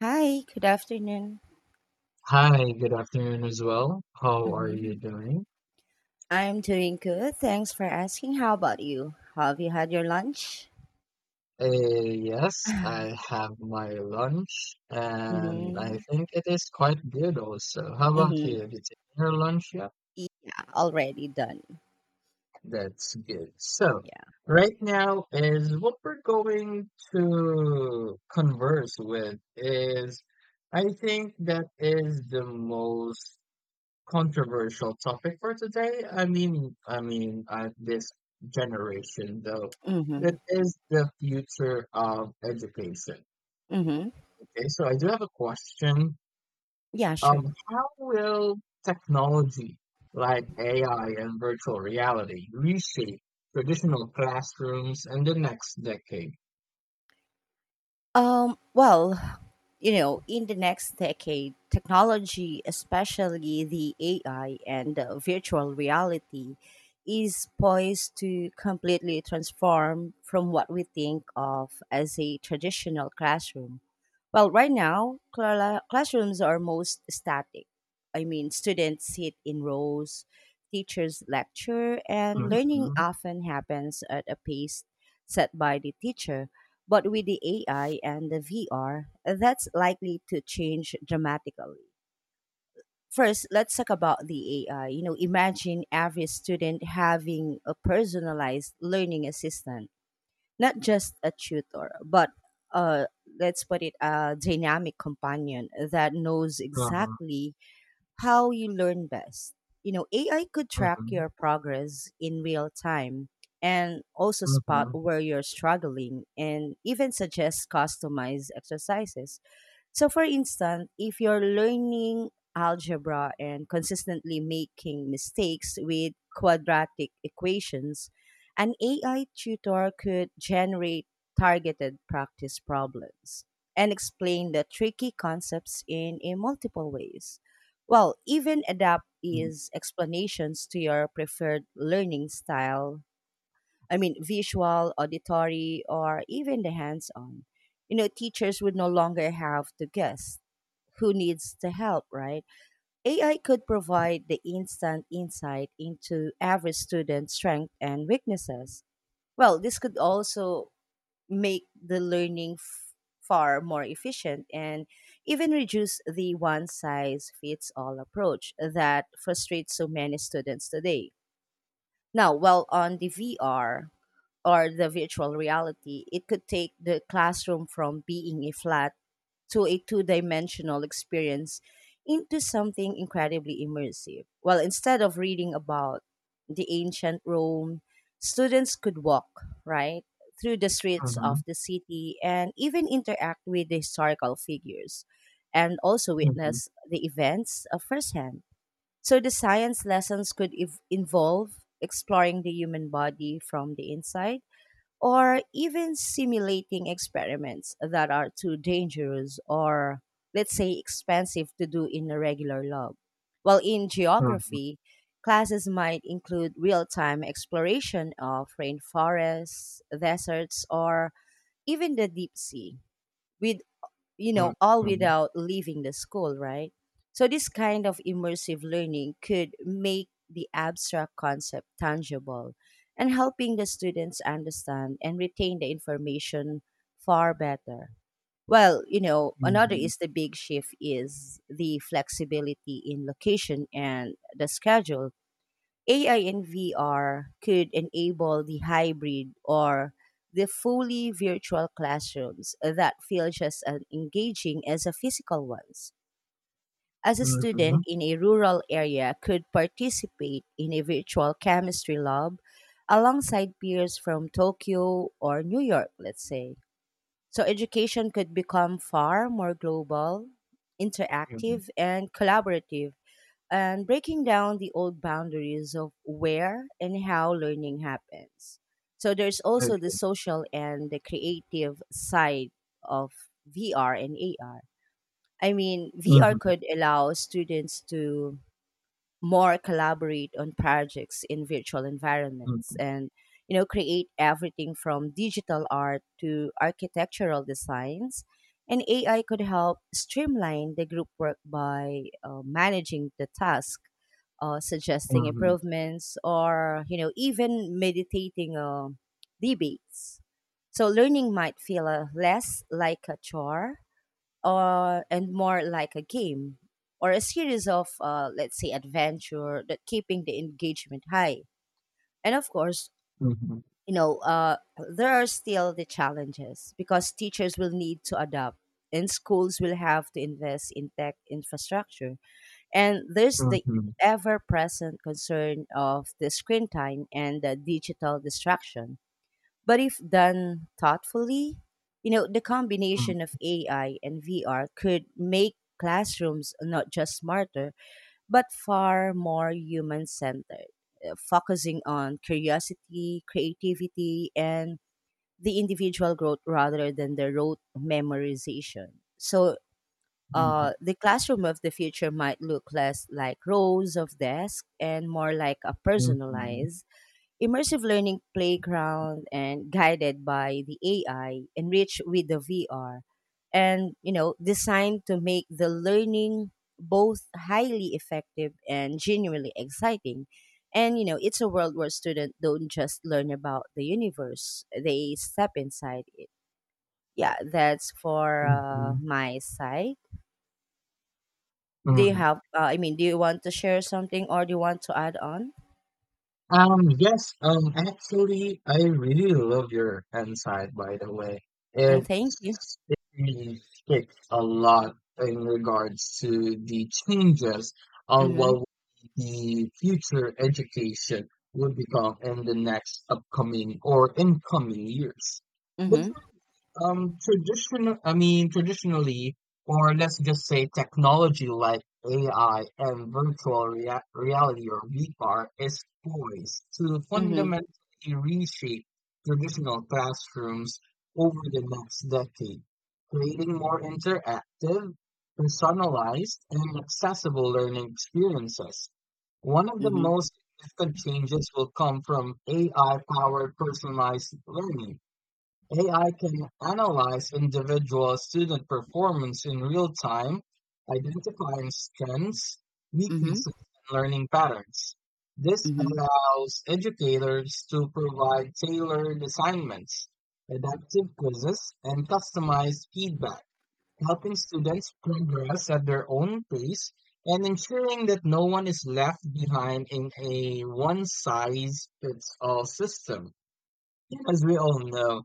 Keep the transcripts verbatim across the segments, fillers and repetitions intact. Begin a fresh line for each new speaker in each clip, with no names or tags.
Hi, good afternoon.
Hi, good afternoon as well. How are you
hmm
doing?
I'm doing good. Thanks for asking. How about you? Have you had your lunch?
Uh, yes, I have my lunch and I
Mm-hmm.
think it is quite good also. How about
Mm-hmm.
you? Did you take your lunch yet?
Yeah, already done.
That's good. So,
Yeah.
right now is what we're going to converse with is I think that is the most controversial topic for today. I mean, I mean, uh, this generation though,
Mm-hmm.
that is the future of education.
Mm-hmm.
Okay, so I do have a question.
Yeah, sure.
Um, how will technology like A I and virtual reality reshape traditional classrooms in the next decade?
Um, well, you know, in the next decade, technology, especially the A I and uh, virtual reality, is poised to completely transform from what we think of as a traditional classroom. Well, right now, cla- classrooms are most static. I mean, students sit in rows, teachers lecture, and learning
Mm-hmm.
often happens at a pace set by the teacher. But with the A I and the V R, that's likely to change dramatically. First, let's talk about the A I. You know, imagine every student having a personalized learning assistant, not just a tutor, but uh, let's put it a dynamic companion that knows
Uh-huh.
exactly how you learn best. You know, A I could track
Mm-hmm.
your progress in real time and also spot
Mm-hmm.
where you're struggling and even suggest customized exercises. So, for instance, if you're learning algebra and consistently making mistakes with quadratic equations, an A I tutor could generate targeted practice problems and explain the tricky concepts in, in multiple ways. Well, even adapt its explanations to your preferred learning style. I mean, visual, auditory, or even the hands on. You know, teachers would no longer have to guess who needs the help, right? A I could provide the instant insight into every student's strengths and weaknesses. Well, this could also make the learning f- far more efficient and even reduce the one size fits all approach that frustrates so many students today. Now, while on the V R, or the virtual reality, it could take the classroom from being a flat to a two dimensional experience into something incredibly immersive. Well, instead of reading about the ancient Rome, students could walk, right? Through the streets
Mm-hmm.
of the city and even interact with the historical figures and also
Mm-hmm.
witness the events uh, firsthand. So the science lessons could ev- involve exploring the human body from the inside or even simulating experiments that are too dangerous or, let's say, expensive to do in a regular lab. While in
Mm-hmm.
geography, classes might include real time exploration of rainforests, deserts, or even the deep sea, with, you
Mm-hmm.
know, all
Mm-hmm.
without leaving the school, right? So, this kind of immersive learning could make the abstract concept tangible and helping the students understand and retain the information far better. Well, you know, another
Mm-hmm.
is the big shift is the flexibility in location and the schedule. A I and V R could enable the hybrid or the fully virtual classrooms that feel just as engaging as the physical ones. As a student
Mm-hmm.
in a rural area could participate in a virtual chemistry lab alongside peers from Tokyo or New York, let's say. So education could become far more global,
Mm-hmm.
interactive, and collaborative and breaking down the old boundaries of where and how learning happens. So there's also the social and the creative side of V R and A R. I mean, V R
Mhm,
could allow students to more collaborate on projects in virtual environments
mhm,
and, you know, create everything from digital art to architectural designs, and AI could help streamline the group work by uh, managing the task, uh, suggesting
mhm,
improvements or, you know, even meditating uh, debates. So learning might feel uh, less like a chore, uh, and more like a game or a series of, uh, let's say, adventure that keeping the engagement high. And of course,
mhm, mhm,
you know, uh, there are still the challenges because teachers will need to adapt and schools will have to invest in tech infrastructure. And there's the
mhm,
ever present concern of the screen time and the digital distraction, but if done thoughtfully, you know, the combination of A I and V R could make classrooms not just smarter, but far more human centered, focusing on curiosity, creativity, and the individual growth rather than the rote memorization. So,
mhm,
uh, the classroom of the future might look less like rows of desks and more like a
mhm,
personalized immersive learning playground and guided by the A I, enriched with the V R, and, you know, designed to make the learning both highly effective and genuinely exciting. And you know, it's a world where students don't just learn about the universe; they step inside it. Yeah, that's for uh,
mhm,
my side. Do you
mhm.
have? Uh, I mean, do you want to share something, or do you want to add on?
Um, yes, um, actually, I really love your hand side, by the way.
Mm,
It,
thank you.
it really fits a lot in regards to the changes on
Mm-hmm.
what the future education will become in the next upcoming or incoming years. But
Mm-hmm.
Um, traditional, I mean, traditionally, or let's just say technology like A I and virtual rea reality or V R is poised to
Mm-hmm.
fundamentally reshape traditional classrooms over the next decade, creating more interactive, personalized, and accessible learning experiences. One of the
Mm-hmm.
most significant changes will come from A I-powered personalized learning. A I can analyze individual student performance in real time, identifying strengths,
Mm-hmm.
weaknesses, and learning patterns. This
Mhm.
allows educators to provide tailored assignments, adaptive quizzes, and customized feedback, helping students progress at their own pace and ensuring that no one is left behind in a one size fits all system. As we all know,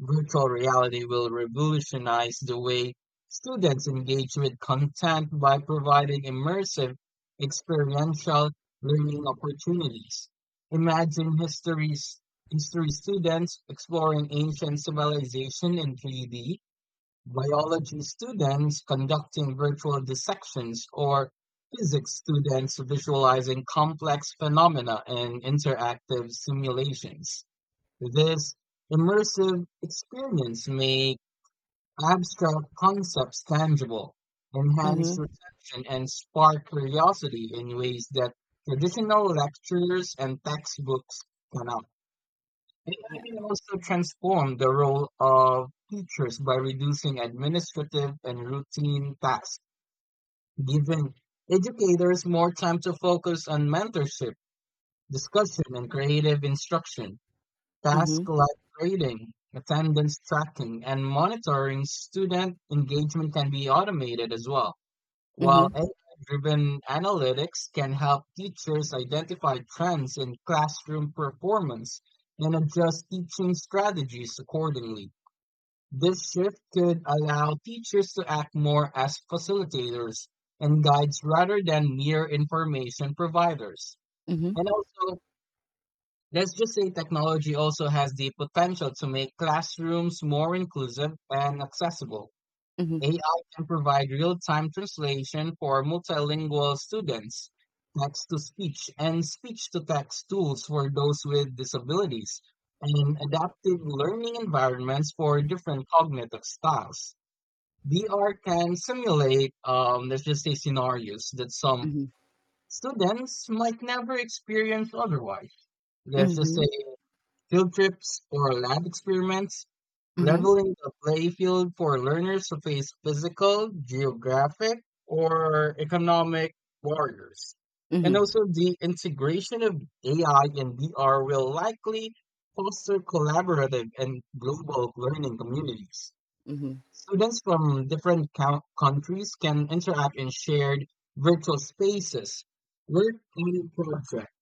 virtual reality will revolutionize the way students engage with content by providing immersive, experiential learning opportunities. Imagine histories, history students exploring ancient civilization in three D, biology students conducting virtual dissections, or physics students visualizing complex phenomena in interactive simulations. This immersive experience makes abstract concepts tangible, enhance
Mhm.
reflection, and spark curiosity in ways that traditional lectures and textbooks cannot. A I
Yeah.
can also transform the role of teachers by reducing administrative and routine tasks, giving educators more time to focus on mentorship, discussion, and creative instruction. Tasks
Mhm.
like grading, attendance tracking, and monitoring student engagement can be automated as well, while
Mhm.
A I-driven analytics can help teachers identify trends in classroom performance and adjust teaching strategies accordingly. This shift could allow teachers to act more as facilitators and guides rather than mere information providers.
Mhm.
And also, let's just say technology also has the potential to make classrooms more inclusive and accessible.
Mhm.
A I can provide real-time translation for multilingual students, text-to-speech and speech-to-text tools for those with disabilities, and adaptive learning environments for different cognitive styles. V R can simulate, um, let's just say, scenarios that some
Mhm.
students might never experience otherwise. Let's just
Mhm.
say field trips or lab experiments,
Mhm.
leveling the playfield for learners to face physical, geographic, or economic barriers. And
Mhm.
also, the integration of A I and V R will likely foster collaborative and global learning communities.
Mhm.
Students from different count- countries can interact in shared virtual spaces, work on projects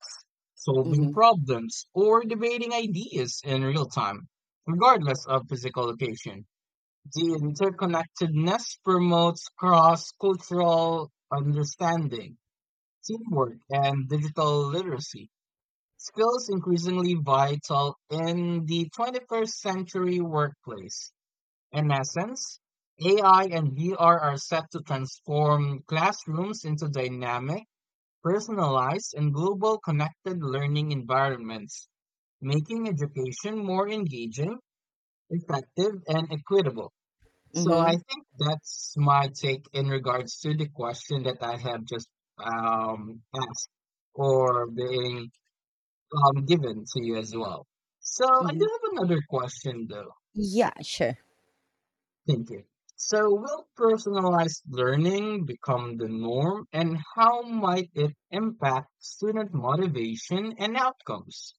solving
Mhm.
problems, or debating ideas in real time, regardless of physical location. The interconnectedness promotes cross cultural understanding, teamwork, and digital literacy, skills increasingly vital in the twenty-first century workplace. In essence, A I and V R are set to transform classrooms into dynamic, personalized and global connected learning environments, making education more engaging, effective, and equitable. So I
Mhm.
think that's my take in regards to the question that I have just um, asked or being um, given to you as well. So I do
Mhm.
have another question though.
Yeah, sure.
Thank you. So, will personalized learning become the norm, and how might it impact student motivation and outcomes?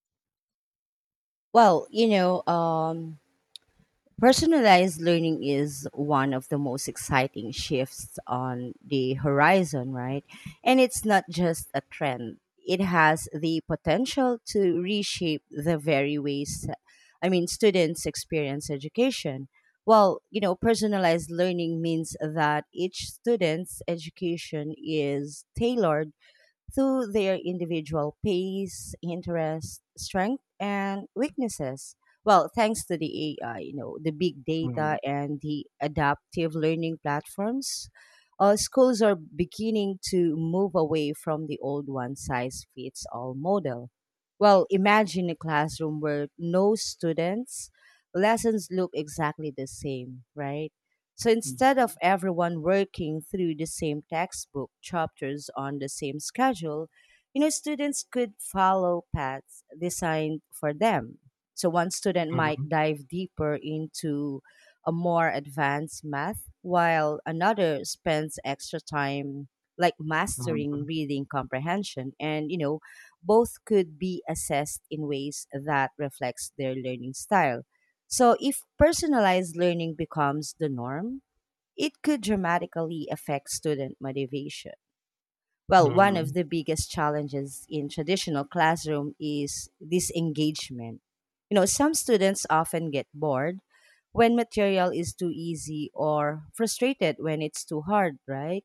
Well, you know, um Personalized learning is one of the most exciting shifts on the horizon, right? And it's not just a trend. It has the potential to reshape the very ways. I mean students experience education. Well, you know, personalized learning means that each student's education is tailored through their individual pace, interest, strength, and weaknesses. Well, thanks to the A I, you know, the big
Mm,
data and the adaptive learning platforms, uh, schools are beginning to move away from the old one size fits all model. Well, imagine a classroom where no students' lessons look exactly the same, right? So
mm,
instead of everyone working through the same textbook chapters on the same schedule, you know, students could follow paths designed for them. So one student might
mhm,
dive deeper into a more advanced math, while another spends extra time like mastering
mhm,
reading comprehension. And, you know, both could be assessed in ways that reflects their learning style. So if personalized learning becomes the norm, it could dramatically affect student motivation. Well, one
mhm,
of the biggest challenges in traditional classroom is disengagement. You know, some students often get bored when material is too easy or frustrated when it's too hard, right?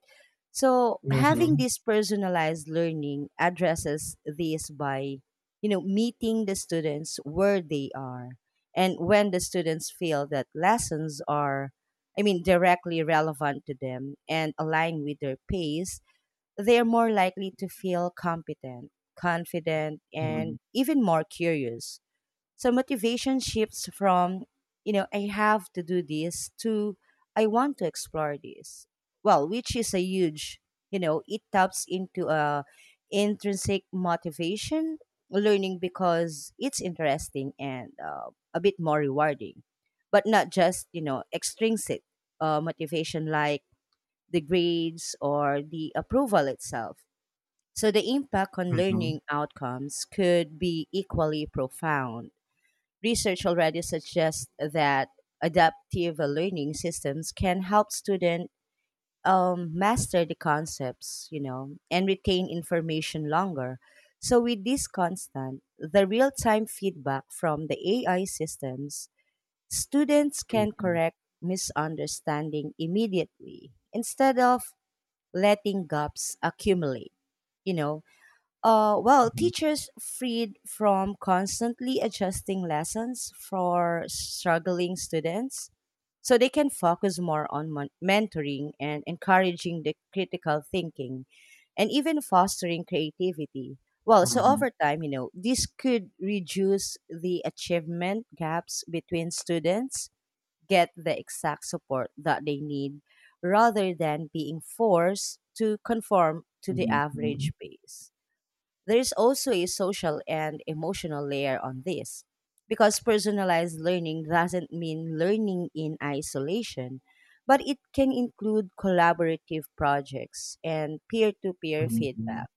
So, having
mhm,
this personalized learning addresses this by, you know, meeting the students where they are. And when the students feel that lessons are, I mean, directly relevant to them and align with their pace, they're more likely to feel competent, confident,
mhm,
and even more curious. So motivation shifts from, you know, I have to do this to I want to explore this. Well, which is a huge, you know, it taps into a intrinsic motivation, learning because it's interesting and uh, a bit more rewarding, but not just, you know, extrinsic uh, motivation like the grades or the approval itself. So the impact on
mhm,
learning outcomes could be equally profound. Research already suggests that adaptive learning systems can help students um, master the concepts, you know, and retain information longer. So with this constant, the real-time feedback from the A I systems, students can
mhm,
correct misunderstanding immediately instead of letting gaps accumulate, you know uh, well, teachers freed from constantly adjusting lessons for struggling students so they can focus more on mon- mentoring and encouraging the critical thinking and even fostering creativity. Well, so
mhm,
over time, you know, this could reduce the achievement gaps between students, get the exact support that they need rather than being forced to conform to the
mhm, mhm, mhm,
average pace. There is also a social and emotional layer on this because personalized learning doesn't mean learning in isolation, but it can include collaborative projects and peer to peer
mhm, mhm.
feedback.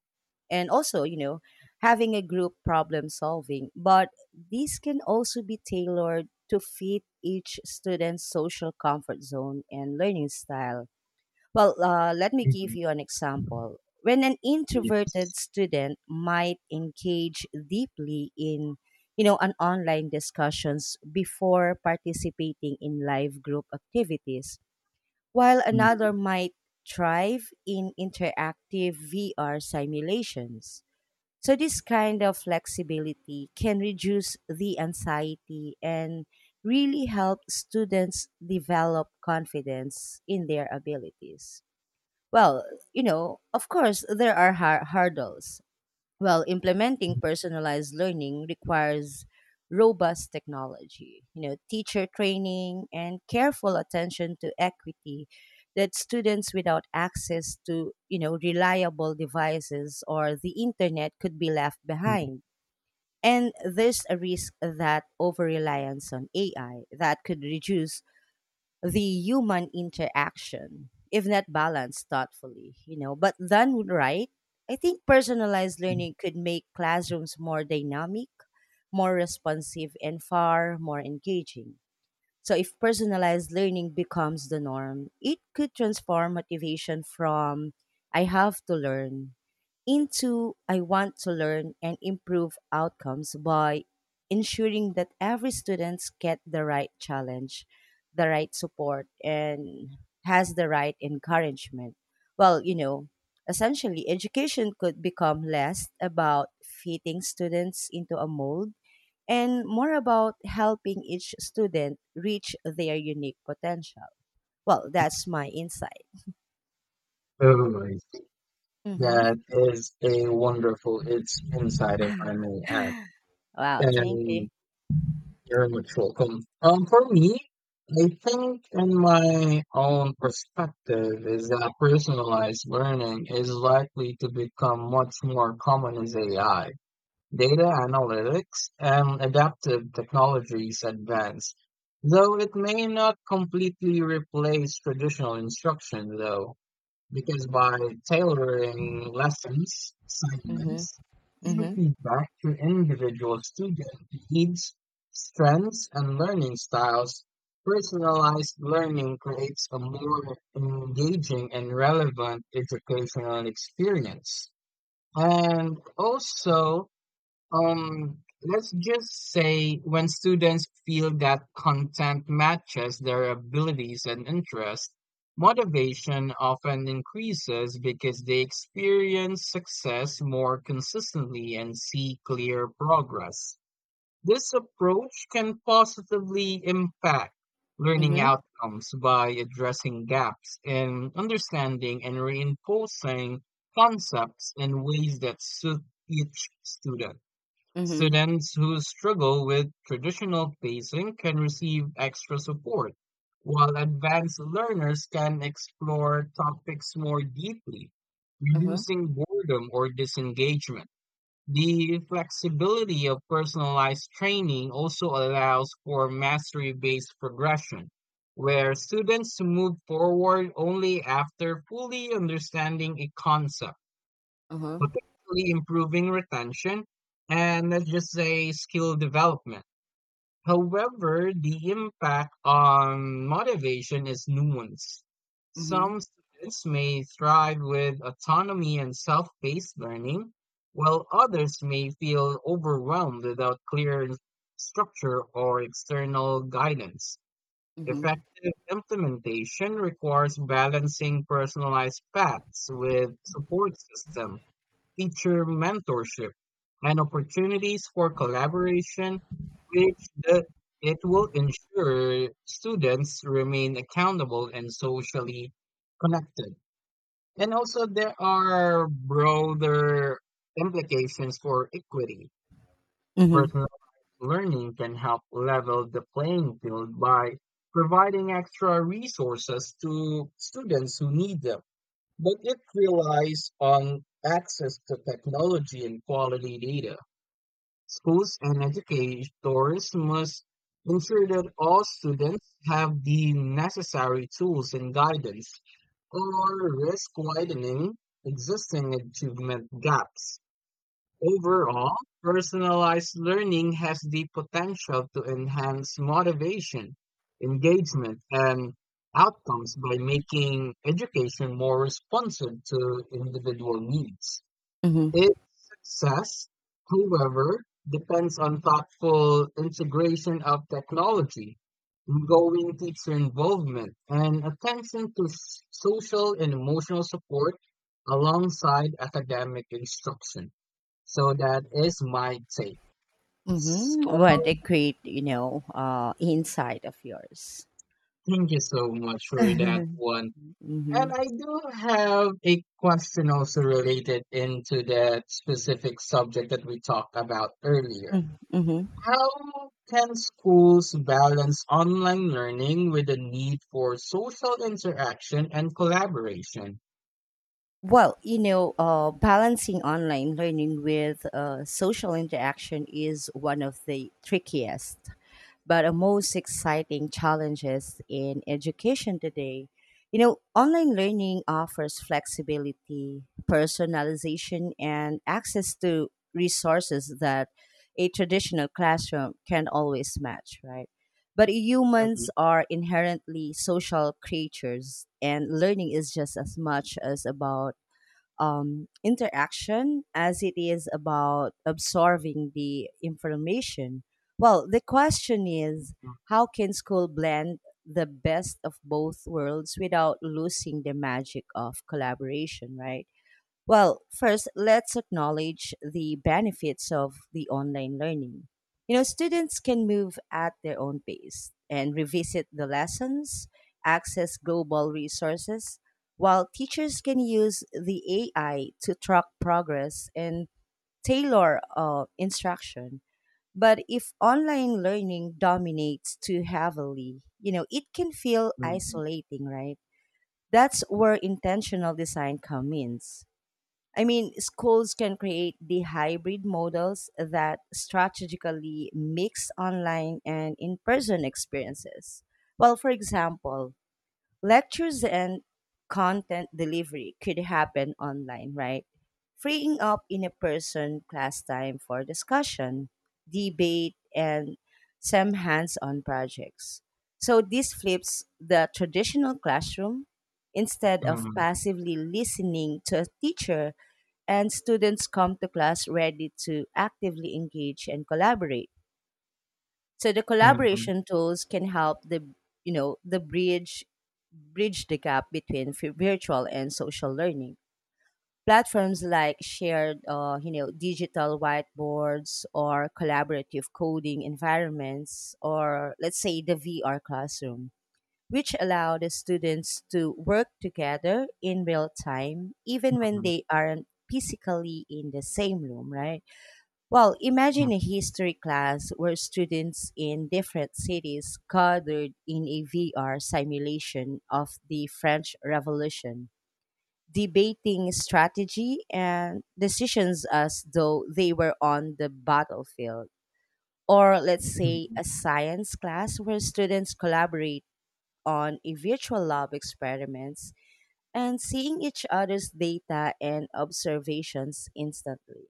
And also, you know, having a group problem solving, but these can also be tailored to fit each student's social comfort zone and learning style. Well, uh, let me give you an example. When an
Yes.
introverted student might engage deeply in, you know, an online discussions before participating in live group activities, while another
Mhm,
might thrive in interactive V R simulations. So this kind of flexibility can reduce the anxiety and really help students develop confidence in their abilities. Well, you know, of course, there are har- hurdles. Well, implementing personalized learning requires robust technology, you know, teacher training and careful attention to equity that students without access to, you know, reliable devices or the internet could be left
mhm,
behind. And there's a risk that over reliance on A I that could reduce the human interaction if not balanced thoughtfully. You know, but done right, I think personalized
mhm.
learning could make classrooms more dynamic, more responsive and far more engaging. So if personalized learning becomes the norm, it could transform motivation from I have to learn into I want to learn and improve outcomes by ensuring that every student get the right challenge, the right support and has the right encouragement. Well, you know, essentially education could become less about fitting students into a mold and more about helping each student reach their unique potential. Well, that's my insight.
Oh, I see.
Mm-hmm.
That is a wonderful it's insight, if I may add.
Wow, thank you.
And you're much welcome. Um, for me, I think in my own perspective is that personalized learning is likely to become much more common as A I, data analytics, and adaptive technologies advance. Though it may not completely replace traditional instruction, though, because by tailoring lessons,
Mm-hmm.
assignments, and
Mm-hmm.
feedback to individual student needs, strengths, and learning styles, personalized learning creates a more engaging and relevant educational experience. And also, um, let's just say, when students feel that content matches their abilities and interests, motivation often increases because they experience success more consistently and see clear progress. This approach can positively impact learning
Mm-hmm.
outcomes by addressing gaps in understanding and reinforcing concepts in ways that suit each student.
Mm-hmm.
Students who struggle with traditional pacing can receive extra support, while advanced learners can explore topics more deeply,
Mm-hmm.
reducing boredom or disengagement. The flexibility of personalized training also allows for mastery based progression, where students move forward only after fully understanding a concept,
Mm-hmm. Mm-hmm.
potentially improving retention and, let's just say, skill development. However, the impact on motivation is nuanced. Some students may thrive with autonomy and self paced learning, while others may feel overwhelmed without clear structure or external guidance.
Mm-hmm.
Effective implementation requires balancing personalized paths with support system, teacher mentorship, and opportunities for collaboration, which the, it will ensure students remain accountable and socially connected. And also, there are broader implications for equity.
Mm-hmm.
Personal learning can help level the playing field by providing extra resources to students who need them, but it relies on access to technology and quality data. Schools and educators must ensure that all students have the necessary tools and guidance, or risk widening existing achievement gaps. Overall, personalized learning has the potential to enhance motivation, engagement, and outcomes by making education more responsive to individual needs.
Mm-hmm.
Its success, however, depends on thoughtful integration of technology, ongoing teacher involvement, and attention to s- social and emotional support alongside academic instruction. So that is my take.
Mm-hmm. What
So
a great, you know, uh, insight of yours.
thank you so much for that
Mm-hmm.
one. And I do have a question also related into that specific subject that we talked about earlier.
Mm-hmm.
How can schools balance online learning with the need for social interaction and collaboration?
Well, you know, uh, balancing online learning with uh, social interaction is one of the trickiest but the most exciting challenges in education today. You know, online learning offers flexibility, personalization, and access to resources that a traditional classroom can always match, right? But
Mhm,
humans are inherently social creatures, and learning is just as much as about um, interaction as it is about absorbing the information. Well, the question is how can school blend the best of both worlds without losing the magic of collaboration, right? Well, first, let's acknowledge the benefits of the online learning. You know, students can move at their own pace and revisit the lessons, access global resources, while teachers can use the A I to track progress and tailor uh, instruction. But if online learning dominates too heavily, you know, it can feel
mhm,
isolating, right? That's where intentional design comes in. I mean, schools can create the hybrid models that strategically mix online and in person experiences. Well, for example, lectures and content delivery could happen online, right? Freeing up in a person class time for discussion, debate, and some hands on projects. So this flips the traditional classroom. Instead of
mhm,
passively listening to a teacher, and students come to class ready to actively engage and collaborate. So the
mhm,
collaboration tools can help the you know the bridge bridge the gap between vi- virtual and social learning. Platforms like shared uh, you know digital whiteboards or collaborative coding environments, or let's say the V R classroom, which allow the students to work together in real time even when
mhm,
they aren't physically in the same room, right? Well,
mhm,
imagine a history class where students in different cities gathered in a V R simulation of the French Revolution, debating strategy and decisions as though they were on the battlefield. Or let's say
mhm,
a science class where students collaborate on a virtual lab experiments and seeing each other's data and observations instantly.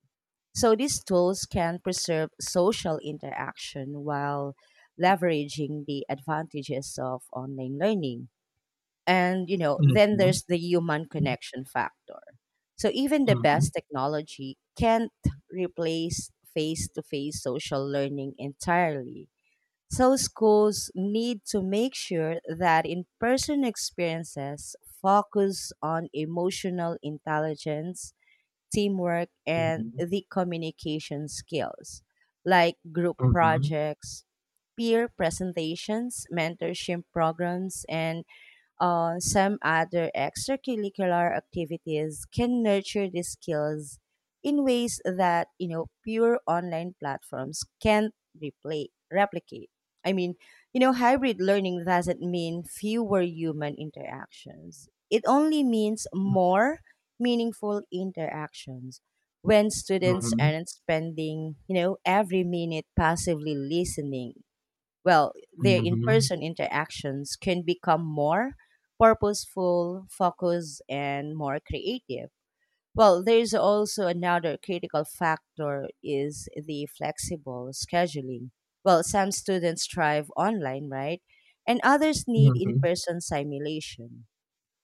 So these tools can preserve social interaction while leveraging the advantages of online learning. And you know, then
mhm,
there's the human connection factor. So even the
mhm,
best technology can't replace face-to-face social learning entirely. So schools need to make sure that in-person experiences focus on emotional intelligence, teamwork, and
mhm,
the communication skills, like group
mhm, mhm.
projects, peer presentations, mentorship programs, and uh, some other extracurricular activities can nurture these skills in ways that you know pure online platforms can't repla- replicate. I mean, you know, hybrid learning doesn't mean fewer human interactions, it only means more meaningful interactions when students
Mhm,
aren't spending, you know every minute passively listening. Well, their
mhm,
in
mhm,
person interactions can become more purposeful, focused, and more creative. Well, there's also another critical factor is the flexible scheduling. Well, some students thrive online, right? And others need
mhm,
in-person simulation.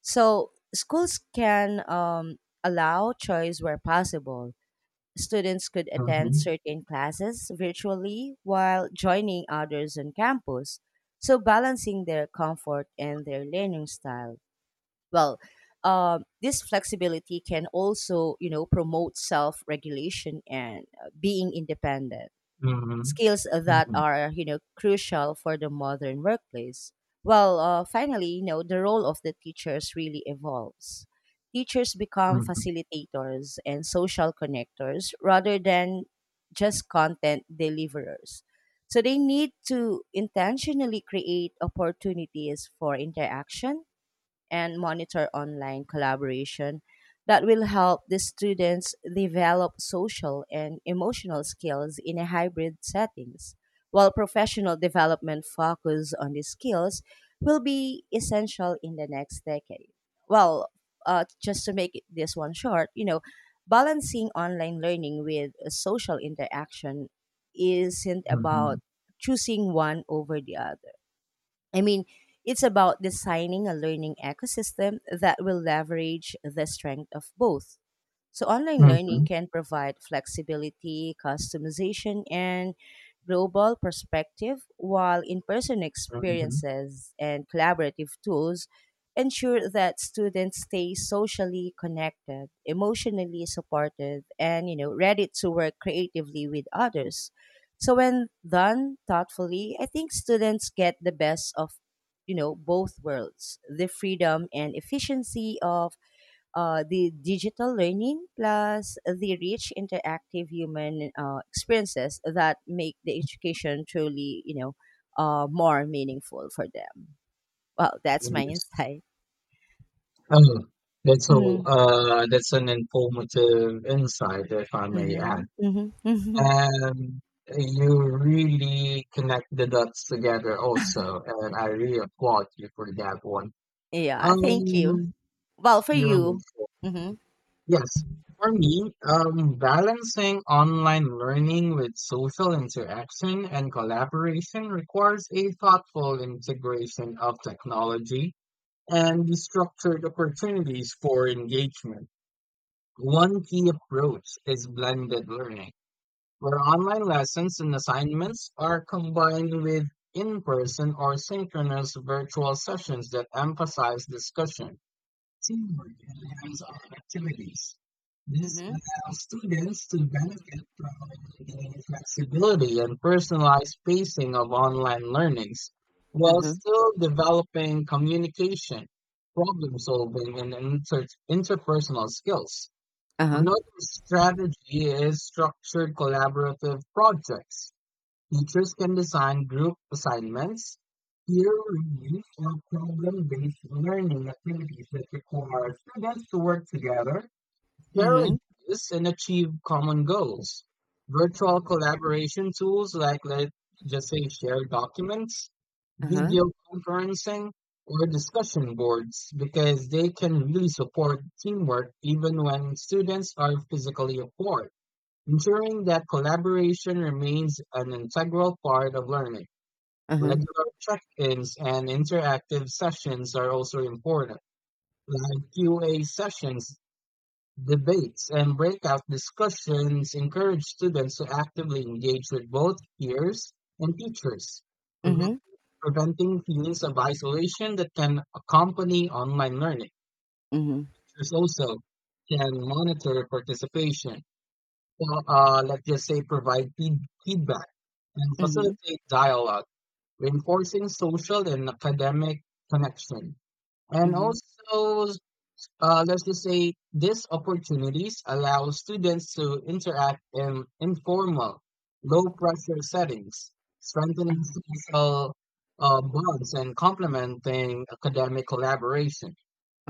So schools can um, allow choice where possible. Students could attend
mhm,
certain classes virtually while joining others on campus, so balancing their comfort and their learning style. Well, um, this flexibility can also, you know, promote self-regulation and uh, being independent,
mhm,
skills that
mhm,
are, you know crucial for the modern workplace. Well, uh, finally, you know, the role of the teachers really evolves. Teachers become
mhm,
facilitators and social connectors rather than just content deliverers. So they need to intentionally create opportunities for interaction and monitor online collaboration, that will help the students develop social and emotional skills in a hybrid settings, while professional development focus on these skills will be essential in the next decade. Well, uh, just to make it- this one short, you know, balancing online learning with uh, social interaction isn't about choosing one over the other. I mean, it's about designing a learning ecosystem that will leverage the strength of both. So online learning
mhm,
can provide flexibility, customization, and global perspective, while in-person
mhm.
experiences and collaborative tools ensure that students stay socially connected, emotionally supported, and, you know, ready to work creatively with others. So when done thoughtfully, I think students get the best of, you know both worlds, the freedom and efficiency of uh, the digital learning, plus the rich interactive human uh, experiences that make the education truly, you know uh, more meaningful for them. Well, that's my
Yes.
insight.
Oh, that's all.
Hmm.
Uh, that's an informative insight, if I may
Hmm
add.
hmm.
And you really connect the dots together also, and I really applaud you for that one.
Yeah, thank you.
Um,
Well, for
you're on the
you. Mm-hmm,
yes, for me, um, balancing online learning with social interaction and collaboration requires a thoughtful integration of technology and structured opportunities for engagement. One key approach is blended learning, where online lessons and assignments are combined with in-person or synchronous virtual sessions that emphasize discussion, teamwork and hands-on activities. This
mm-hmm,
allows students to benefit from the flexibility and personalized pacing of online learnings while
mm-hmm,
still developing communication, problem solving, and inter- interpersonal skills.
uh-huh,
Another strategy is structured collaborative projects. Teachers can design group assignments, peer reviews, or problem-based learning activities that require students to work together, share
mm-hmm,
ideas, and achieve common goals. Virtual collaboration tools like, let's just say, shared documents,
uh-huh,
video conferencing, or discussion boards, because they can really support teamwork even when students are physically apart, ensuring that collaboration remains an integral part of learning.
uh-huh,
Regular check-ins and interactive sessions are also important, like Q A sessions, debates, and breakout discussions encourage students to actively engage with both peers and teachers,
mm-hmm,
prevent- preventing feelings of isolation that can accompany online learning.
mm-hmm,
Teachers also can monitor participation now, uh, let's just say, provide feed feedback and
mm-hmm,
facilitate dialogue, reinforcing social and academic connection. And
mm-hmm,
also, uh, let's just say, these opportunities allow students to interact in informal, low pressure settings, strengthening
uh-huh,
social uh, bonds and complementing academic collaboration.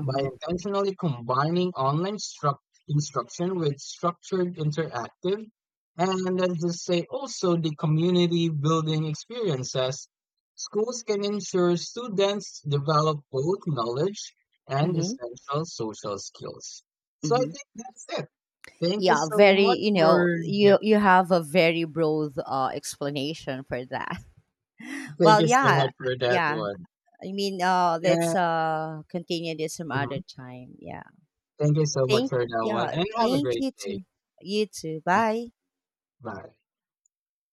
By intentionally combining online struct- instruction with structured interactive, and let's just say also the community building experiences, schools can ensure students develop both knowledge and
mm-hmm,
essential social skills. So I
mm-hmm.
think that's it. Thank you
Yeah,
so
very,
much
you know,
for giv-
you you have a very broad uh, explanation for that.
Thank
Well,
you so
yeah,
much for that
yeah.
one.
I mean, uh let's
Yeah.
uh continue this some other
Mhm.
time. Yeah.
Thank you so much
Thank
for that one,
Yeah,
and have a
thank
great
you
day.
too. You too.
Thank you.
Bye.
Bye.